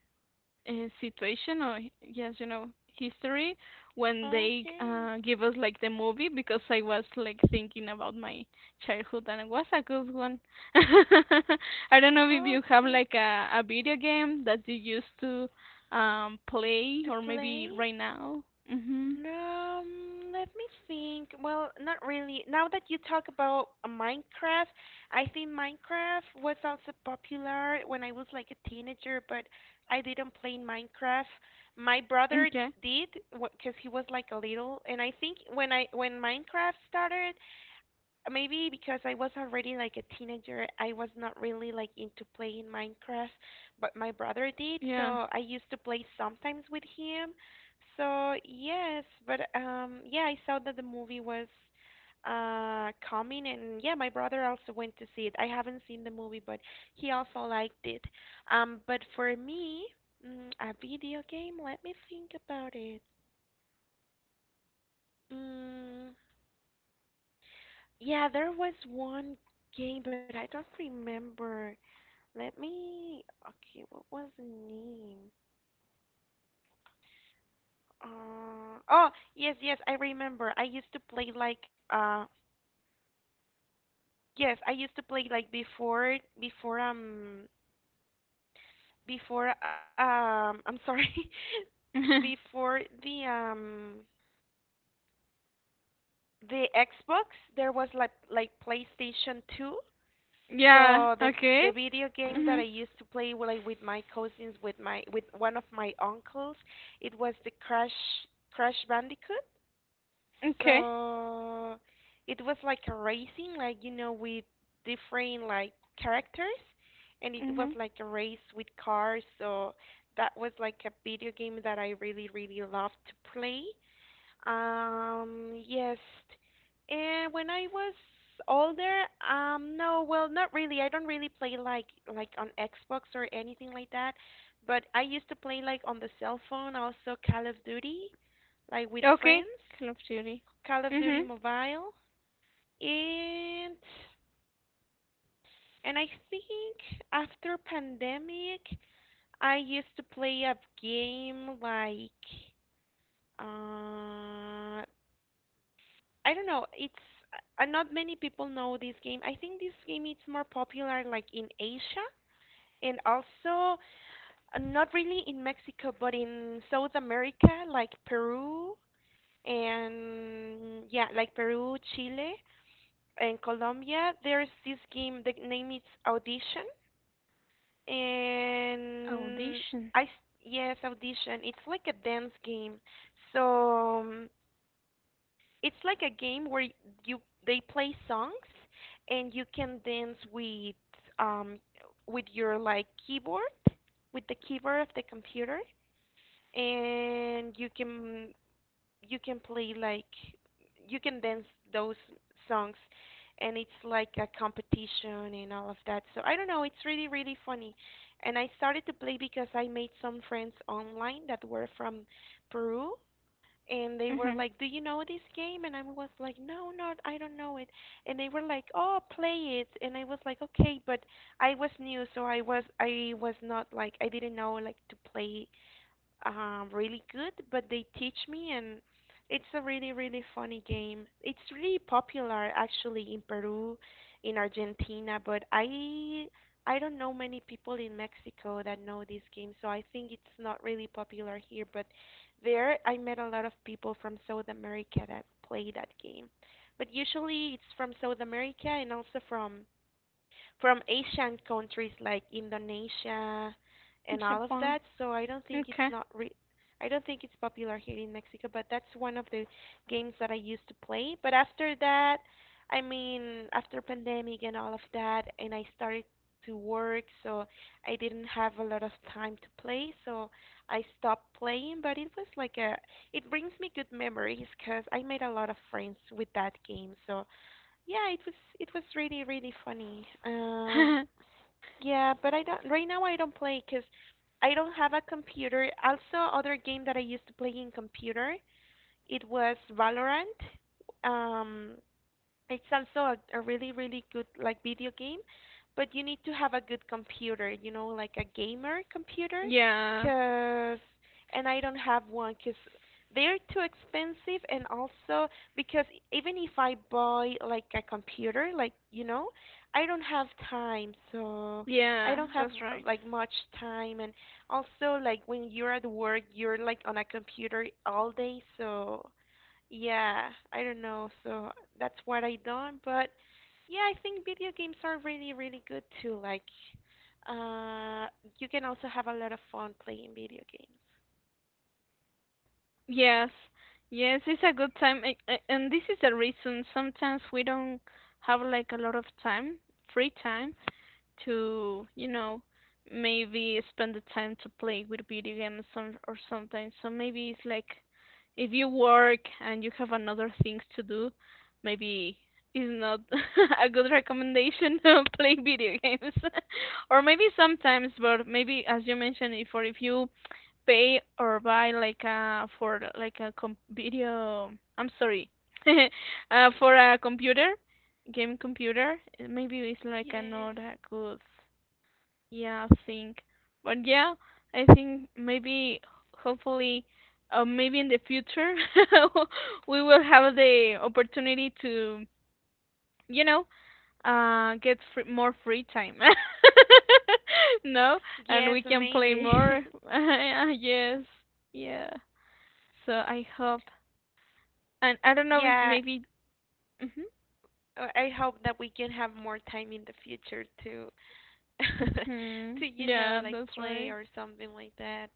Speaker 2: uh, situation or yes you know history when they
Speaker 1: Okay.
Speaker 2: give us like the movie because I was like thinking about my childhood and it was a good one. I don't know if you have
Speaker 1: Okay.
Speaker 2: like a video game that you used to play
Speaker 1: To
Speaker 2: or maybe
Speaker 1: play.
Speaker 2: right now. Mhm.
Speaker 1: Let me think. Well, not really. Now that you talk about Minecraft, I think Minecraft was also popular when I was like a teenager, but I didn't play Minecraft. My brother
Speaker 2: Okay.
Speaker 1: did, because he was like a little, and I think when Minecraft started, maybe because I was already like a teenager, I was not really like into playing Minecraft, but my brother did,
Speaker 2: Yeah.
Speaker 1: so I used to play sometimes with him. So yes, but yeah, I saw that the movie was coming and yeah, my brother also went to see it. I haven't seen the movie, but he also liked it. But for me, a video game, let me think about it. Mm, yeah, there was one game, but I don't remember. Let me. Okay, what was the name? Oh, yes, yes, I remember. I used to play like yes, I used to play like before, I'm sorry, before the Xbox, there was like PlayStation 2.
Speaker 2: Yeah.
Speaker 1: So the
Speaker 2: Okay.
Speaker 1: the video game that I
Speaker 2: Mhm.
Speaker 1: used to play with, like with my cousins, with one of my uncles, it was the Crash Bandicoot.
Speaker 2: Okay.
Speaker 1: So it was like a racing, like with different like characters, and it was
Speaker 2: Mhm.
Speaker 1: like a race with cars. So that was like a video game that I really, really loved to play. Yes. And when I was older, no, well, not really. I don't really play like on Xbox or anything like that. But I used to play like on the cell phone, also Call of Duty, like with friends.
Speaker 2: Okay. Call of Duty.
Speaker 1: Call of Duty
Speaker 2: Mhm.
Speaker 1: Mobile, and I think after pandemic, I used to play a game like uh I don't know. It's not many people know this game. I think this game is more popular like in Asia and also not really in Mexico, but in South America, like Peru and yeah, like Peru, Chile. In Colombia, there's this game. The name is Audition, and
Speaker 2: Audition.
Speaker 1: I s- yes, Audition. It's like a dance game. So it's like a game where y- you they play songs, and you can dance with um your like keyboard, with the keyboard of the computer, and you can play like you can dance those songs and it's like a competition and all of that. So I don't know, it's really really funny. And I started to play because I made some friends online that were from Peru and they were
Speaker 2: Mm-hmm.
Speaker 1: like, "Do you know this game?" and I was like, "No, not I don't know it." And they were like, "Oh, play it." And I was like, "Okay," but I was new, so I was not like I didn't know like to play really good, but they teach me, and it's a really, really funny game. It's really popular actually in Peru, in Argentina, but I don't know many people in Mexico that know this game, so I think it's not really popular here. But there, I met a lot of people from South America that play that game. But usually, it's from South America and also from Asian countries like Indonesia and all of
Speaker 2: Japan.
Speaker 1: that. So I don't think
Speaker 2: Okay.
Speaker 1: it's popular here in Mexico, but that's one of the games that I used to play. But after that, I mean, after pandemic and all of that, and I started to work, so I didn't have a lot of time to play, so I stopped playing, but it was like a it brings me good memories because I made a lot of friends with that game. So yeah, it was really really funny. Yeah, but I don't right now I don't play because I don't have a computer. Also, other game that I used to play in computer, it was Valorant. Um, it's also a really, really good like video game, but you need to have a good computer, you know, like a gamer computer,
Speaker 2: Yeah.
Speaker 1: 'cause and I don't have one 'cause they're too expensive and also because even if I buy like a computer, like, you know, I don't have time, so I
Speaker 2: Yeah,
Speaker 1: don't have
Speaker 2: that's right.
Speaker 1: like much time and also like when you're at work, you're like on a computer all day, so yeah, I don't know. So that's what I done, but yeah, I think video games are really, really good too. Like, uh, you can also have a lot of fun playing video games.
Speaker 2: Yes. Yes, it's a good time. And this is the reason sometimes we don't have like a lot of time, free time, to, you know, maybe spend the time to play with video games or something. So maybe it's like if you work and you have another things to do, maybe is not a good recommendation to play video games. Or maybe sometimes, but maybe as you mentioned, if or if you pay or buy like a for like a com video. I'm sorry, for a computer, game computer. Maybe it's like a
Speaker 1: Yes.
Speaker 2: not a good yeah thing, but yeah, I think maybe hopefully. Maybe in the future we will have the opportunity to, you know, get free, more free time. No, and
Speaker 1: Yes,
Speaker 2: we can play
Speaker 1: maybe.
Speaker 2: more. Yes, yeah. So I hope, and I don't know if
Speaker 1: Yeah,
Speaker 2: maybe, hmm
Speaker 1: I hope that we can have more time in the future to
Speaker 2: hmm
Speaker 1: to, you know,
Speaker 2: yeah,
Speaker 1: like
Speaker 2: that's
Speaker 1: play
Speaker 2: right.
Speaker 1: or something like that.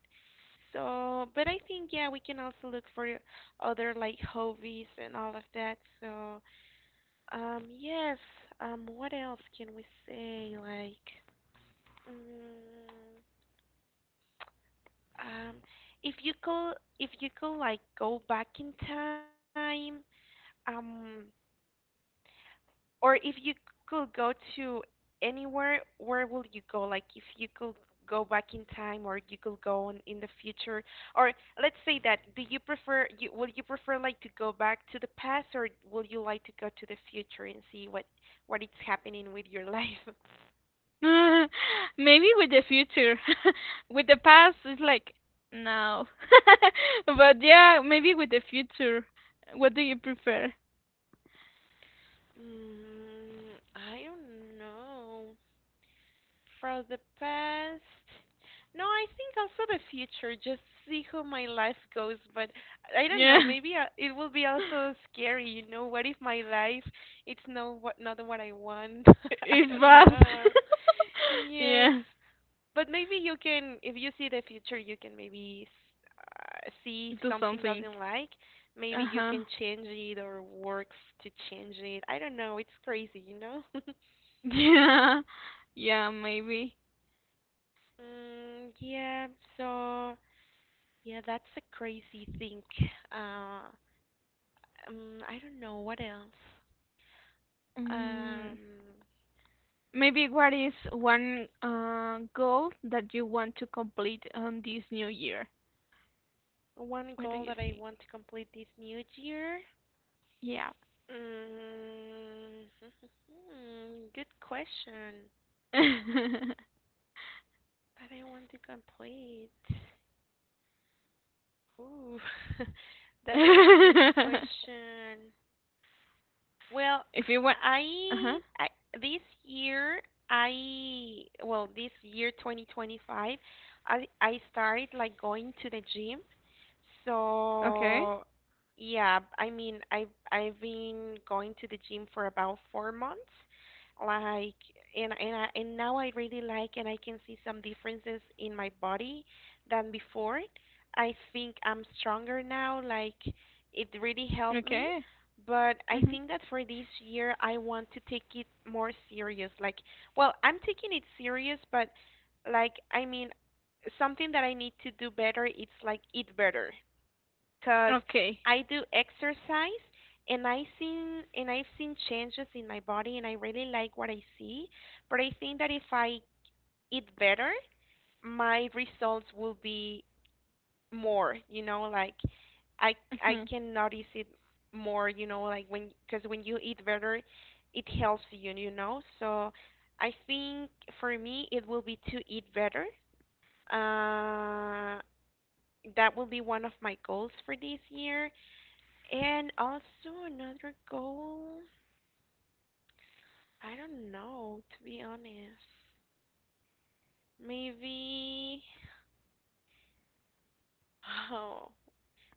Speaker 1: So, but I think yeah, we can also look for other like hobbies and all of that. So, Um, yes. What else can we say? Mm, um, if you could, if you could like go back in time, um, or if you could go to anywhere, where would you go? Like, if you could go back in time, or you could go on in the future, or let's say that, do you prefer, you, would you prefer like to go back to the past, or would you like to go to the future and see what is happening with your life?
Speaker 2: Maybe with the future, with the past, it's like no, but yeah, maybe with the future. What do you prefer?
Speaker 1: I don't know. From the past. No, I think also the future. Just see how my life goes. But I don't know.
Speaker 2: Yeah,
Speaker 1: It will be also scary. You know, what if my life it's no what not what I want? I
Speaker 2: it's
Speaker 1: don't
Speaker 2: bad.
Speaker 1: know. Yes.
Speaker 2: Yeah,
Speaker 1: But maybe you can, if you see the future, you can maybe see if
Speaker 2: do
Speaker 1: something
Speaker 2: something.
Speaker 1: doesn't like.
Speaker 2: Uh
Speaker 1: Maybe you
Speaker 2: huh.
Speaker 1: can change it or works to change it. I don't know. It's crazy, you know?
Speaker 2: Yeah, yeah, maybe.
Speaker 1: Mm, yeah, so yeah, that's a crazy thing. Uh, I don't know what else.
Speaker 2: Mm.
Speaker 1: Um,
Speaker 2: Maybe what is one goal that you want to complete on this new year?
Speaker 1: one
Speaker 2: What do
Speaker 1: goal
Speaker 2: you
Speaker 1: that I
Speaker 2: think?
Speaker 1: want to complete this new year.
Speaker 2: Yeah.
Speaker 1: Mm, good question. But I want to complete. Ooh, that's good question. Well,
Speaker 2: If you want.
Speaker 1: I,
Speaker 2: Uh-huh.
Speaker 1: I this year I well this year 2025 I started like going to the gym.
Speaker 2: Okay.
Speaker 1: So yeah, I've been going to the gym for about 4 months. Like and now I really like and I can see some differences in my body than before. I think I'm stronger now like it really helped me
Speaker 2: Okay.
Speaker 1: but I
Speaker 2: Mhm.
Speaker 1: think that for this year, I want to take it more serious. Like, well, I'm taking it serious, but like, I mean, something that I need to do better, it's like eat better. 'Cause
Speaker 2: Okay.
Speaker 1: I do exercise and I've seen changes in my body and I really like what I see. But I think that if I eat better, my results will be more, you know, like I I
Speaker 2: Mhm.
Speaker 1: can notice it more, you know, like when because when you eat better, it helps you, you know. So I think for me it will be to eat better. Uh, that will be one of my goals for this year, and also another goal. I don't know, to be honest. Maybe. Oh,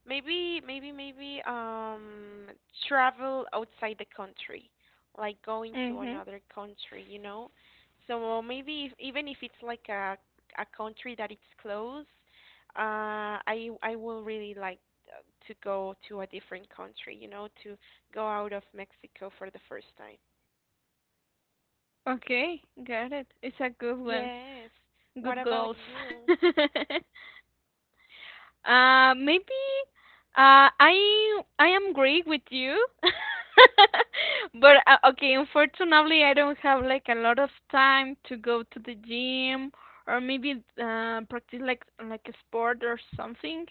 Speaker 1: Maybe travel outside the country, like going to
Speaker 2: Mhm.
Speaker 1: another country, you know? So maybe if, even if it's like a country that it's close, I will really like uh, to go to a different country, you know, to go out of Mexico for the first time.
Speaker 2: Okay. Got it. It's a good one.
Speaker 1: Yes.
Speaker 2: Good
Speaker 1: What
Speaker 2: goals.
Speaker 1: about you?
Speaker 2: Maybe I am great with you, but okay. Unfortunately, I don't have like a lot of time to go to the gym or maybe practice like a sport or something.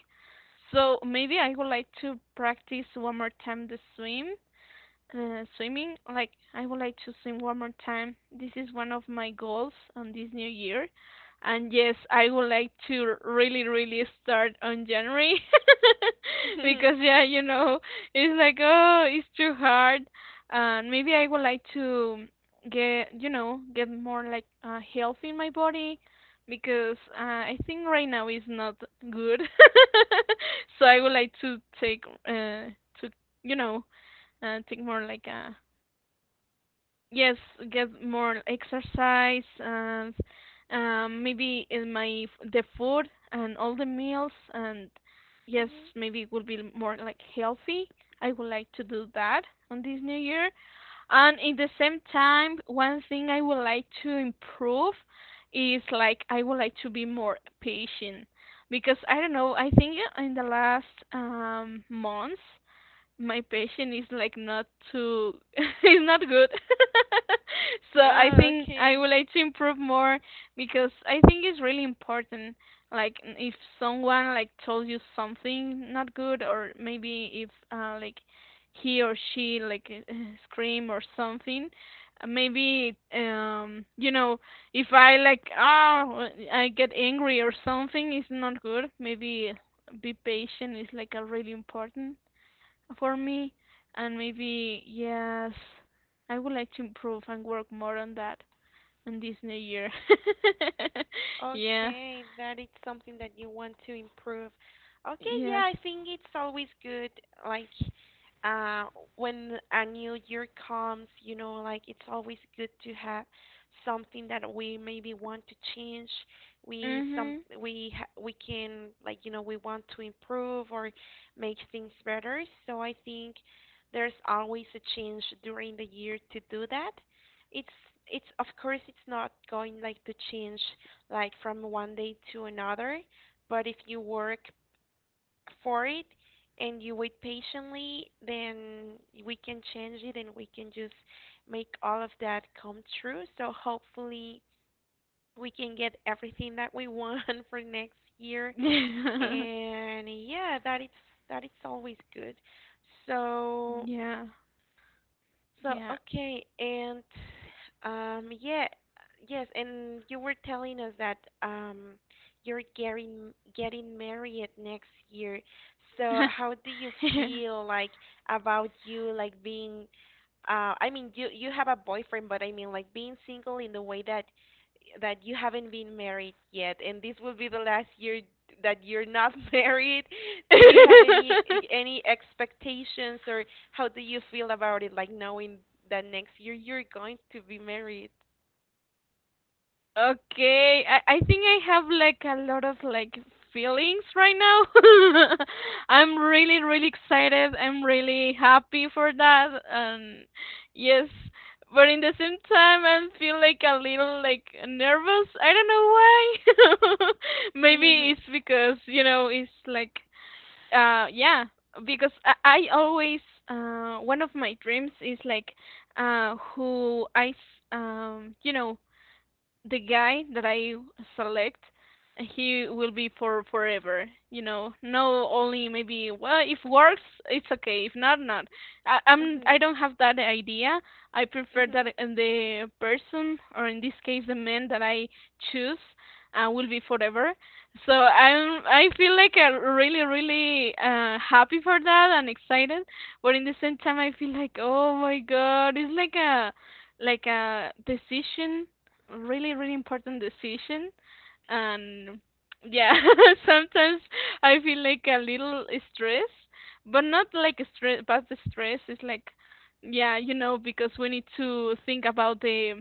Speaker 2: So maybe I would like to practice one more time the swim. Swimming, like I would like to swim one more time. This is one of my goals on this new year. And yes, I would like to really, really start on January because yeah, you know, it's like oh, it's too hard. And maybe I would like to get, you know, get more like health in my body because I think right now is not good. So I would like to take to you know and think more like a yes, get more exercise and maybe in my the food and all the meals and yes,
Speaker 1: Mhm.
Speaker 2: maybe it will be more like healthy. I would like to do that on this new year. And in the same time, one thing I would like to improve is like I would like to be more patient because I don't know, I think in the last months my patient is like not too. It's not good. So I
Speaker 1: Oh,
Speaker 2: think I would
Speaker 1: okay.
Speaker 2: like to improve more because I think it's really important, like if someone like told you something not good or maybe if like he or she like scream or something, maybe you know, if I like ah I get angry or something, it's not good. Maybe be patient is like a really important for me, and maybe yes, I would like to improve and work more on that in this new year. Yeah.
Speaker 1: Okay, that is something that you want to improve. Okay,
Speaker 2: Yes.
Speaker 1: yeah, I think it's always good, like, uh, when a new year comes, you know, like it's always good to have something that we maybe want to change. We some
Speaker 2: Mhm.
Speaker 1: we can like, you know, we want to improve or make things better. So I think there's always a change during the year to do that. It's it's of course it's not going like to change like from one day to another. But if you work for it and you wait patiently, then we can change it and we can just make all of that come true. So hopefully we can get everything that we want for next year. And yeah, that is always good. So.
Speaker 2: Yeah.
Speaker 1: So,
Speaker 2: Yeah.
Speaker 1: okay, and um, yeah, yes, and you were telling us that you're getting married next year. So, how do you
Speaker 2: Yeah.
Speaker 1: feel like about you like being I mean you have a boyfriend, but I mean like being single in the way that you haven't been married yet, and this will be the last year that you're not married. Do you have any expectations or how do you feel about it, like knowing that next year you're going to be married?
Speaker 2: Okay, I think I have like a lot of like feelings right now. I'm really really excited. I'm really happy for that. And yes, but in the same time I feel like a little like nervous. I don't know why. Maybe
Speaker 1: Mhm.
Speaker 2: it's because, you know, it's like yeah, because I always one of my dreams is like who you know the guy that I select, he will be for forever. You know, no, only maybe. Well, if works, it's okay. If not, not. I'm.
Speaker 1: Mhm.
Speaker 2: I don't have that idea. I prefer that
Speaker 1: Mhm.
Speaker 2: the person, or in this case, the man that I choose, will be forever. So I'm. I feel like I'm really, really happy for that and excited. But in the same time, I feel like, oh my god, it's like like a decision, really really important decision, and yeah, sometimes I feel like a little stress, but not like stress, but the stress is like yeah you know because we need to think about the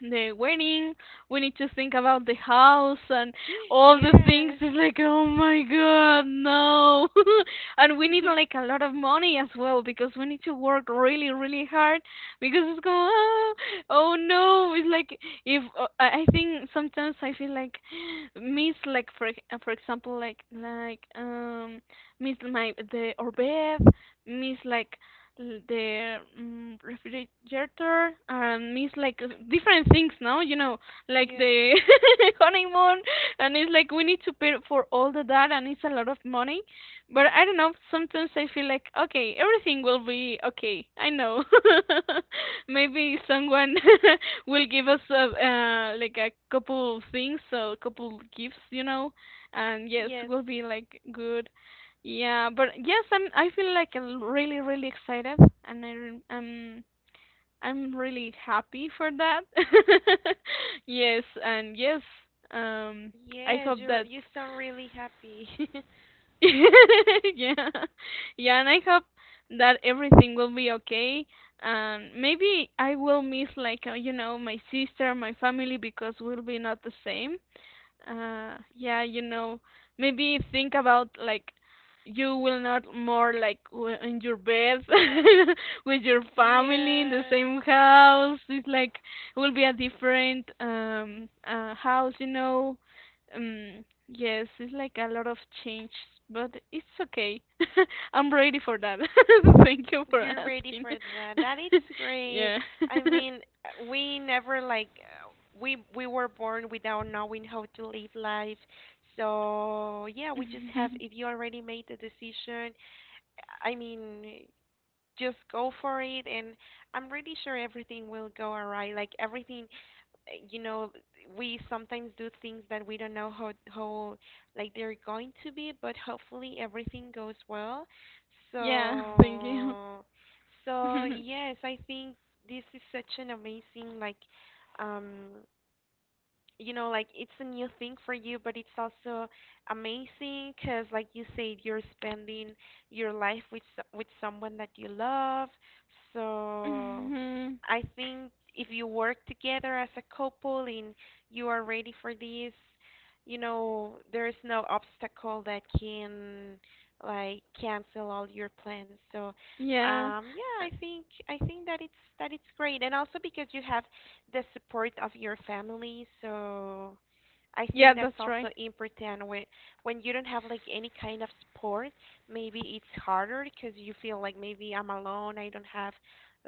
Speaker 2: the wedding. We need to think about the house and all the things.
Speaker 1: Yes.
Speaker 2: It's like, oh my god, no. And we need like a lot of money as well because we need to work really, really hard because it's going, ah, oh no. It's like if I think sometimes I feel like miss like for example like miss my the Orbeth, miss like the mm, refrigerator and it's like different things now you know like
Speaker 1: Yes.
Speaker 2: the honeymoon, and it's like we need to pay for all the that, and it's a lot of money, but I don't know, sometimes I feel like okay, everything will be okay, I know. Maybe someone will give us like a couple of things so a couple gifts you know, and yes
Speaker 1: Yes.
Speaker 2: we'll be like good. Yeah, but yes, I'm. I feel like I'm really, really excited, and I'm really happy for that. Yes, and yes, um, I
Speaker 1: Yes,
Speaker 2: hope that,
Speaker 1: you sound really happy.
Speaker 2: yeah, yeah, and I hope that everything will be okay. And maybe I will miss like you know my sister, my family because we'll be not the same. Yeah, you know, maybe think about like you will not more like in your bed with your family in the
Speaker 1: Yeah,
Speaker 2: same house. It's like it will be a different house, you know. Yes, it's like a lot of change, but it's okay. I'm ready for that. Thank you for
Speaker 1: you're ready
Speaker 2: asking.
Speaker 1: for that. That is great.
Speaker 2: Yeah.
Speaker 1: I mean, we never like we were born without knowing how to live life. So, yeah, we just have if you already made the decision, I mean, just go for it and I'm really sure everything will go all right like everything you know we sometimes do things that we don't know how like they're going to be but hopefully everything goes well
Speaker 2: Yeah, thank you.
Speaker 1: so so yes I think this is such an amazing like um you know like it's a new thing for you but it's also amazing because like you said you're spending your life with with someone that you love so
Speaker 2: Mhm.
Speaker 1: I think if you work together as a couple and you are ready for this you know there is no obstacle that can like cancel all your plans so
Speaker 2: Yeah.
Speaker 1: yeah
Speaker 2: Uh,
Speaker 1: I think that it's great and also because you have the support of your family. So I
Speaker 2: yeah,
Speaker 1: think that's
Speaker 2: that's
Speaker 1: also
Speaker 2: right.
Speaker 1: important when you don't have like any kind of support. Maybe it's harder because you feel like maybe I'm alone. I don't have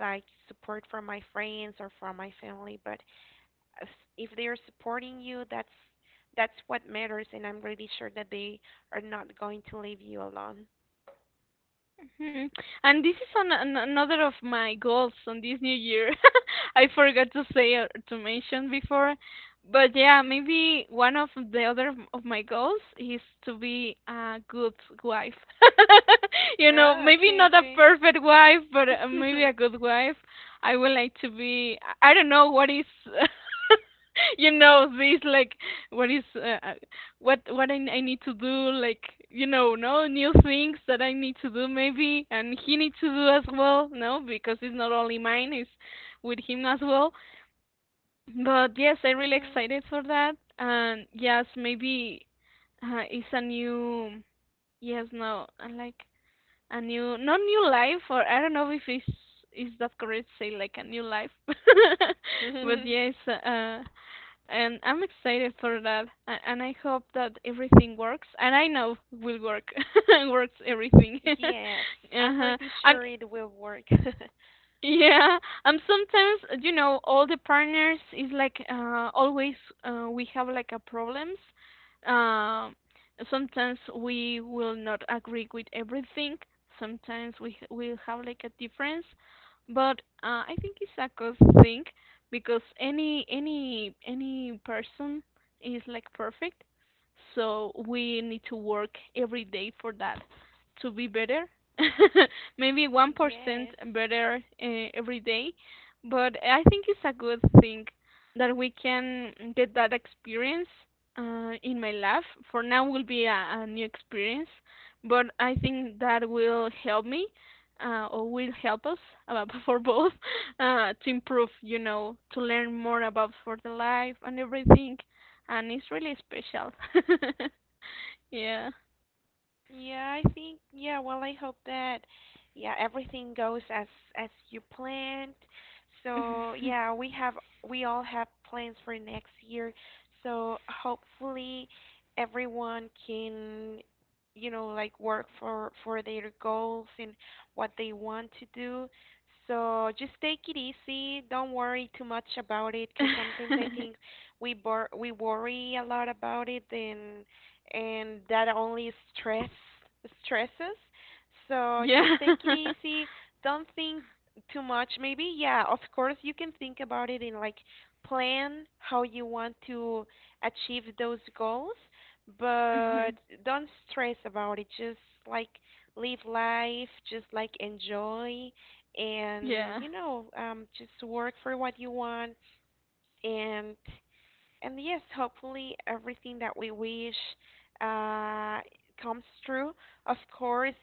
Speaker 1: like support from my friends or from my family. But as- if they are supporting you, that's what matters, and I'm really sure that they are not going to leave you alone.
Speaker 2: Mhm. And this is another of my goals on this new year. I forgot to say or to mention before, but yeah, maybe one of the other of my goals is to be a good wife. You know, maybe not a
Speaker 1: Okay.
Speaker 2: perfect wife, but maybe a good wife. I would like to be. I don't know what is. You know, this like what is what I need to do like you know no new things that I need to do maybe and he needs to do as well no because it's not only mine, it's with him as well. But yes, I'm really excited for that, and yes maybe it's a new yes no like a new not new life, or I don't know if it's is that correct to say like a new life. But
Speaker 1: Mhm.
Speaker 2: yes, and I'm excited for that, and I hope that everything works. And I know will work, works everything.
Speaker 1: Yes, I'm
Speaker 2: Uh-huh.
Speaker 1: really
Speaker 2: And
Speaker 1: sure it will work.
Speaker 2: yeah, and sometimes you know all the partners is like always, we have like a problems. Um, sometimes we will not agree with everything. Sometimes we will have like a difference, but I think it's a good thing because any person is like perfect. So we need to work every day for that to be better, maybe 1%
Speaker 1: Yes.
Speaker 2: better every day, but I think it's a good thing that we can get that experience in my life. For now will be a new experience, but I think that will help me, or will help us, for both, to improve, you know, to learn more about for the life and everything, and it's really special. Yeah.
Speaker 1: Yeah, I think yeah, well I hope that yeah, everything goes as you planned. So, yeah, we all have plans for next year. So, hopefully everyone can you know like work for their goals and what they want to do. So, just take it easy. Don't worry too much about it 'cause sometimes I think we worry a lot about it and that only stresses. So just
Speaker 2: Yeah.
Speaker 1: take it easy. Don't think too much. Maybe, yeah, of course you can think about it in like plan how you want to achieve those goals, but
Speaker 2: Mhm.
Speaker 1: don't stress about it. Just like live life, just like enjoy and
Speaker 2: Yeah.
Speaker 1: you know, just work for what you want and yes, hopefully everything that we wish uh, comes true. Of course,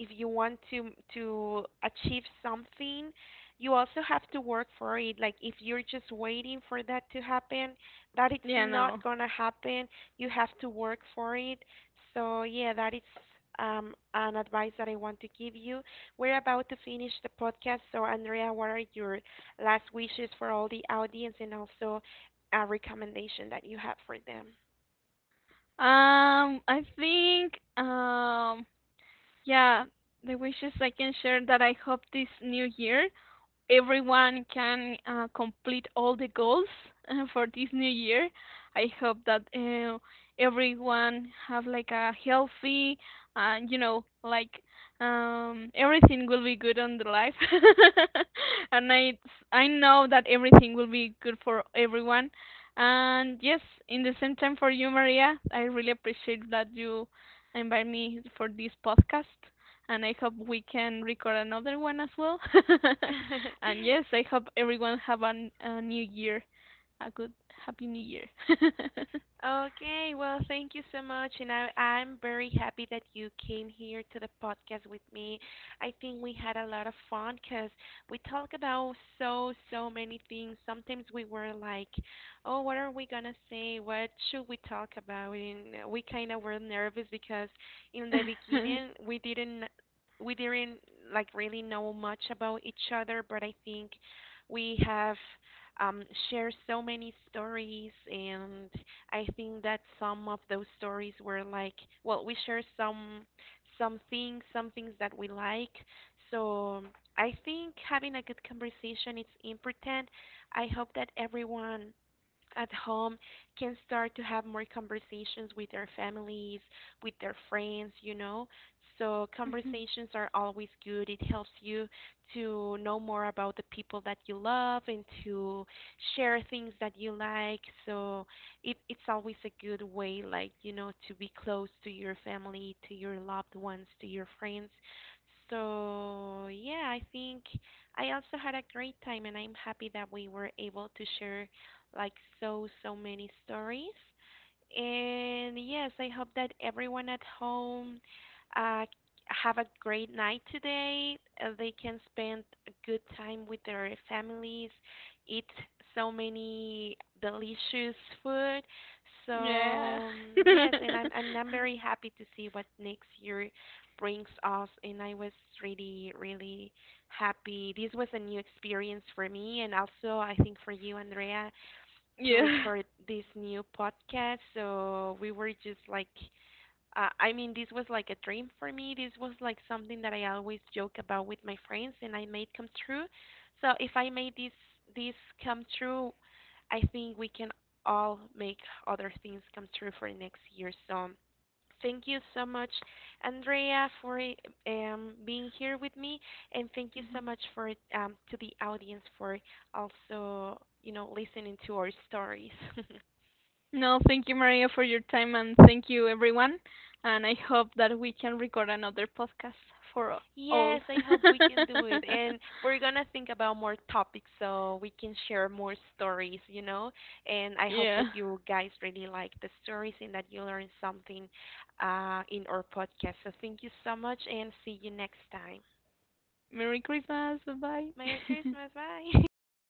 Speaker 1: if you want to achieve something, you also have to work for it. Like if you're just waiting for that to happen, that it's
Speaker 2: Yeah,
Speaker 1: not
Speaker 2: no.
Speaker 1: gonna happen. You have to work for it. So yeah, that is an advice that I want to give you. We're about to finish the podcast, so Andrea, what are your last wishes for all the audience and also recommendation that you have for them.
Speaker 2: I think yeah, the wishes I can share that I hope this new year everyone can complete all the goals for this new year. I hope that everyone have like a healthy, you know, like everything will be good on the life. And I know that everything will be good for everyone. And yes, in the same time for you, Maria, I really appreciate that you invite me for this podcast, and I hope we can record another one as well. And yes, I hope everyone have a new year, a good happy new year.
Speaker 1: Okay, well, thank you so much, and I'm very happy that you came here to the podcast with me. I think we had a lot of fun because we talk about so, so many things. Sometimes we were like, oh, what are we gonna say? What should we talk about? And we kind of were nervous because in the beginning we didn't like really know much about each other, but I think we have um, share so many stories and I think that some of those stories were like, well, we share some things that we like. So I think having a good conversation is important. I hope that everyone at home can start to have more conversations with their families, with their friends, you know. So conversations are always good. It helps you to know more about the people that you love and to share things that you like. So it's always a good way like, you know, to be close to your family, to your loved ones, to your friends. So yeah, I think I also had a great time and I'm happy that we were able to share like so, so many stories. And yes, I hope that everyone at home uh, have a great night today. They can spend a good time with their families, eat so many delicious food.
Speaker 2: Yeah.
Speaker 1: So yes, and I'm very happy to see what next year brings us. And I was really really happy. This was a new experience for me, and also I think for you, Andrea, to
Speaker 2: Yeah.
Speaker 1: record this new podcast. So we were just like I mean, this was like a dream for me. This was like something that I always joke about with my friends, and I made come true. So if I made this come true, I think we can all make other things come true for next year. So thank you so much, Andrea, for being here with me, and thank you so much for to the audience for also you know listening to our stories.
Speaker 2: No, thank you Maria for your time and thank you everyone. And I hope that we can record another podcast for all.
Speaker 1: Yes, I hope we can do it. And we're gonna think about more topics so we can share more stories, you know? And I hope that
Speaker 2: Yeah.
Speaker 1: you guys really like the stories and that you learn something in our podcast. So thank you so much and see you next time.
Speaker 2: Merry Christmas.
Speaker 1: Merry
Speaker 2: Bye-bye.
Speaker 1: Christmas. Bye.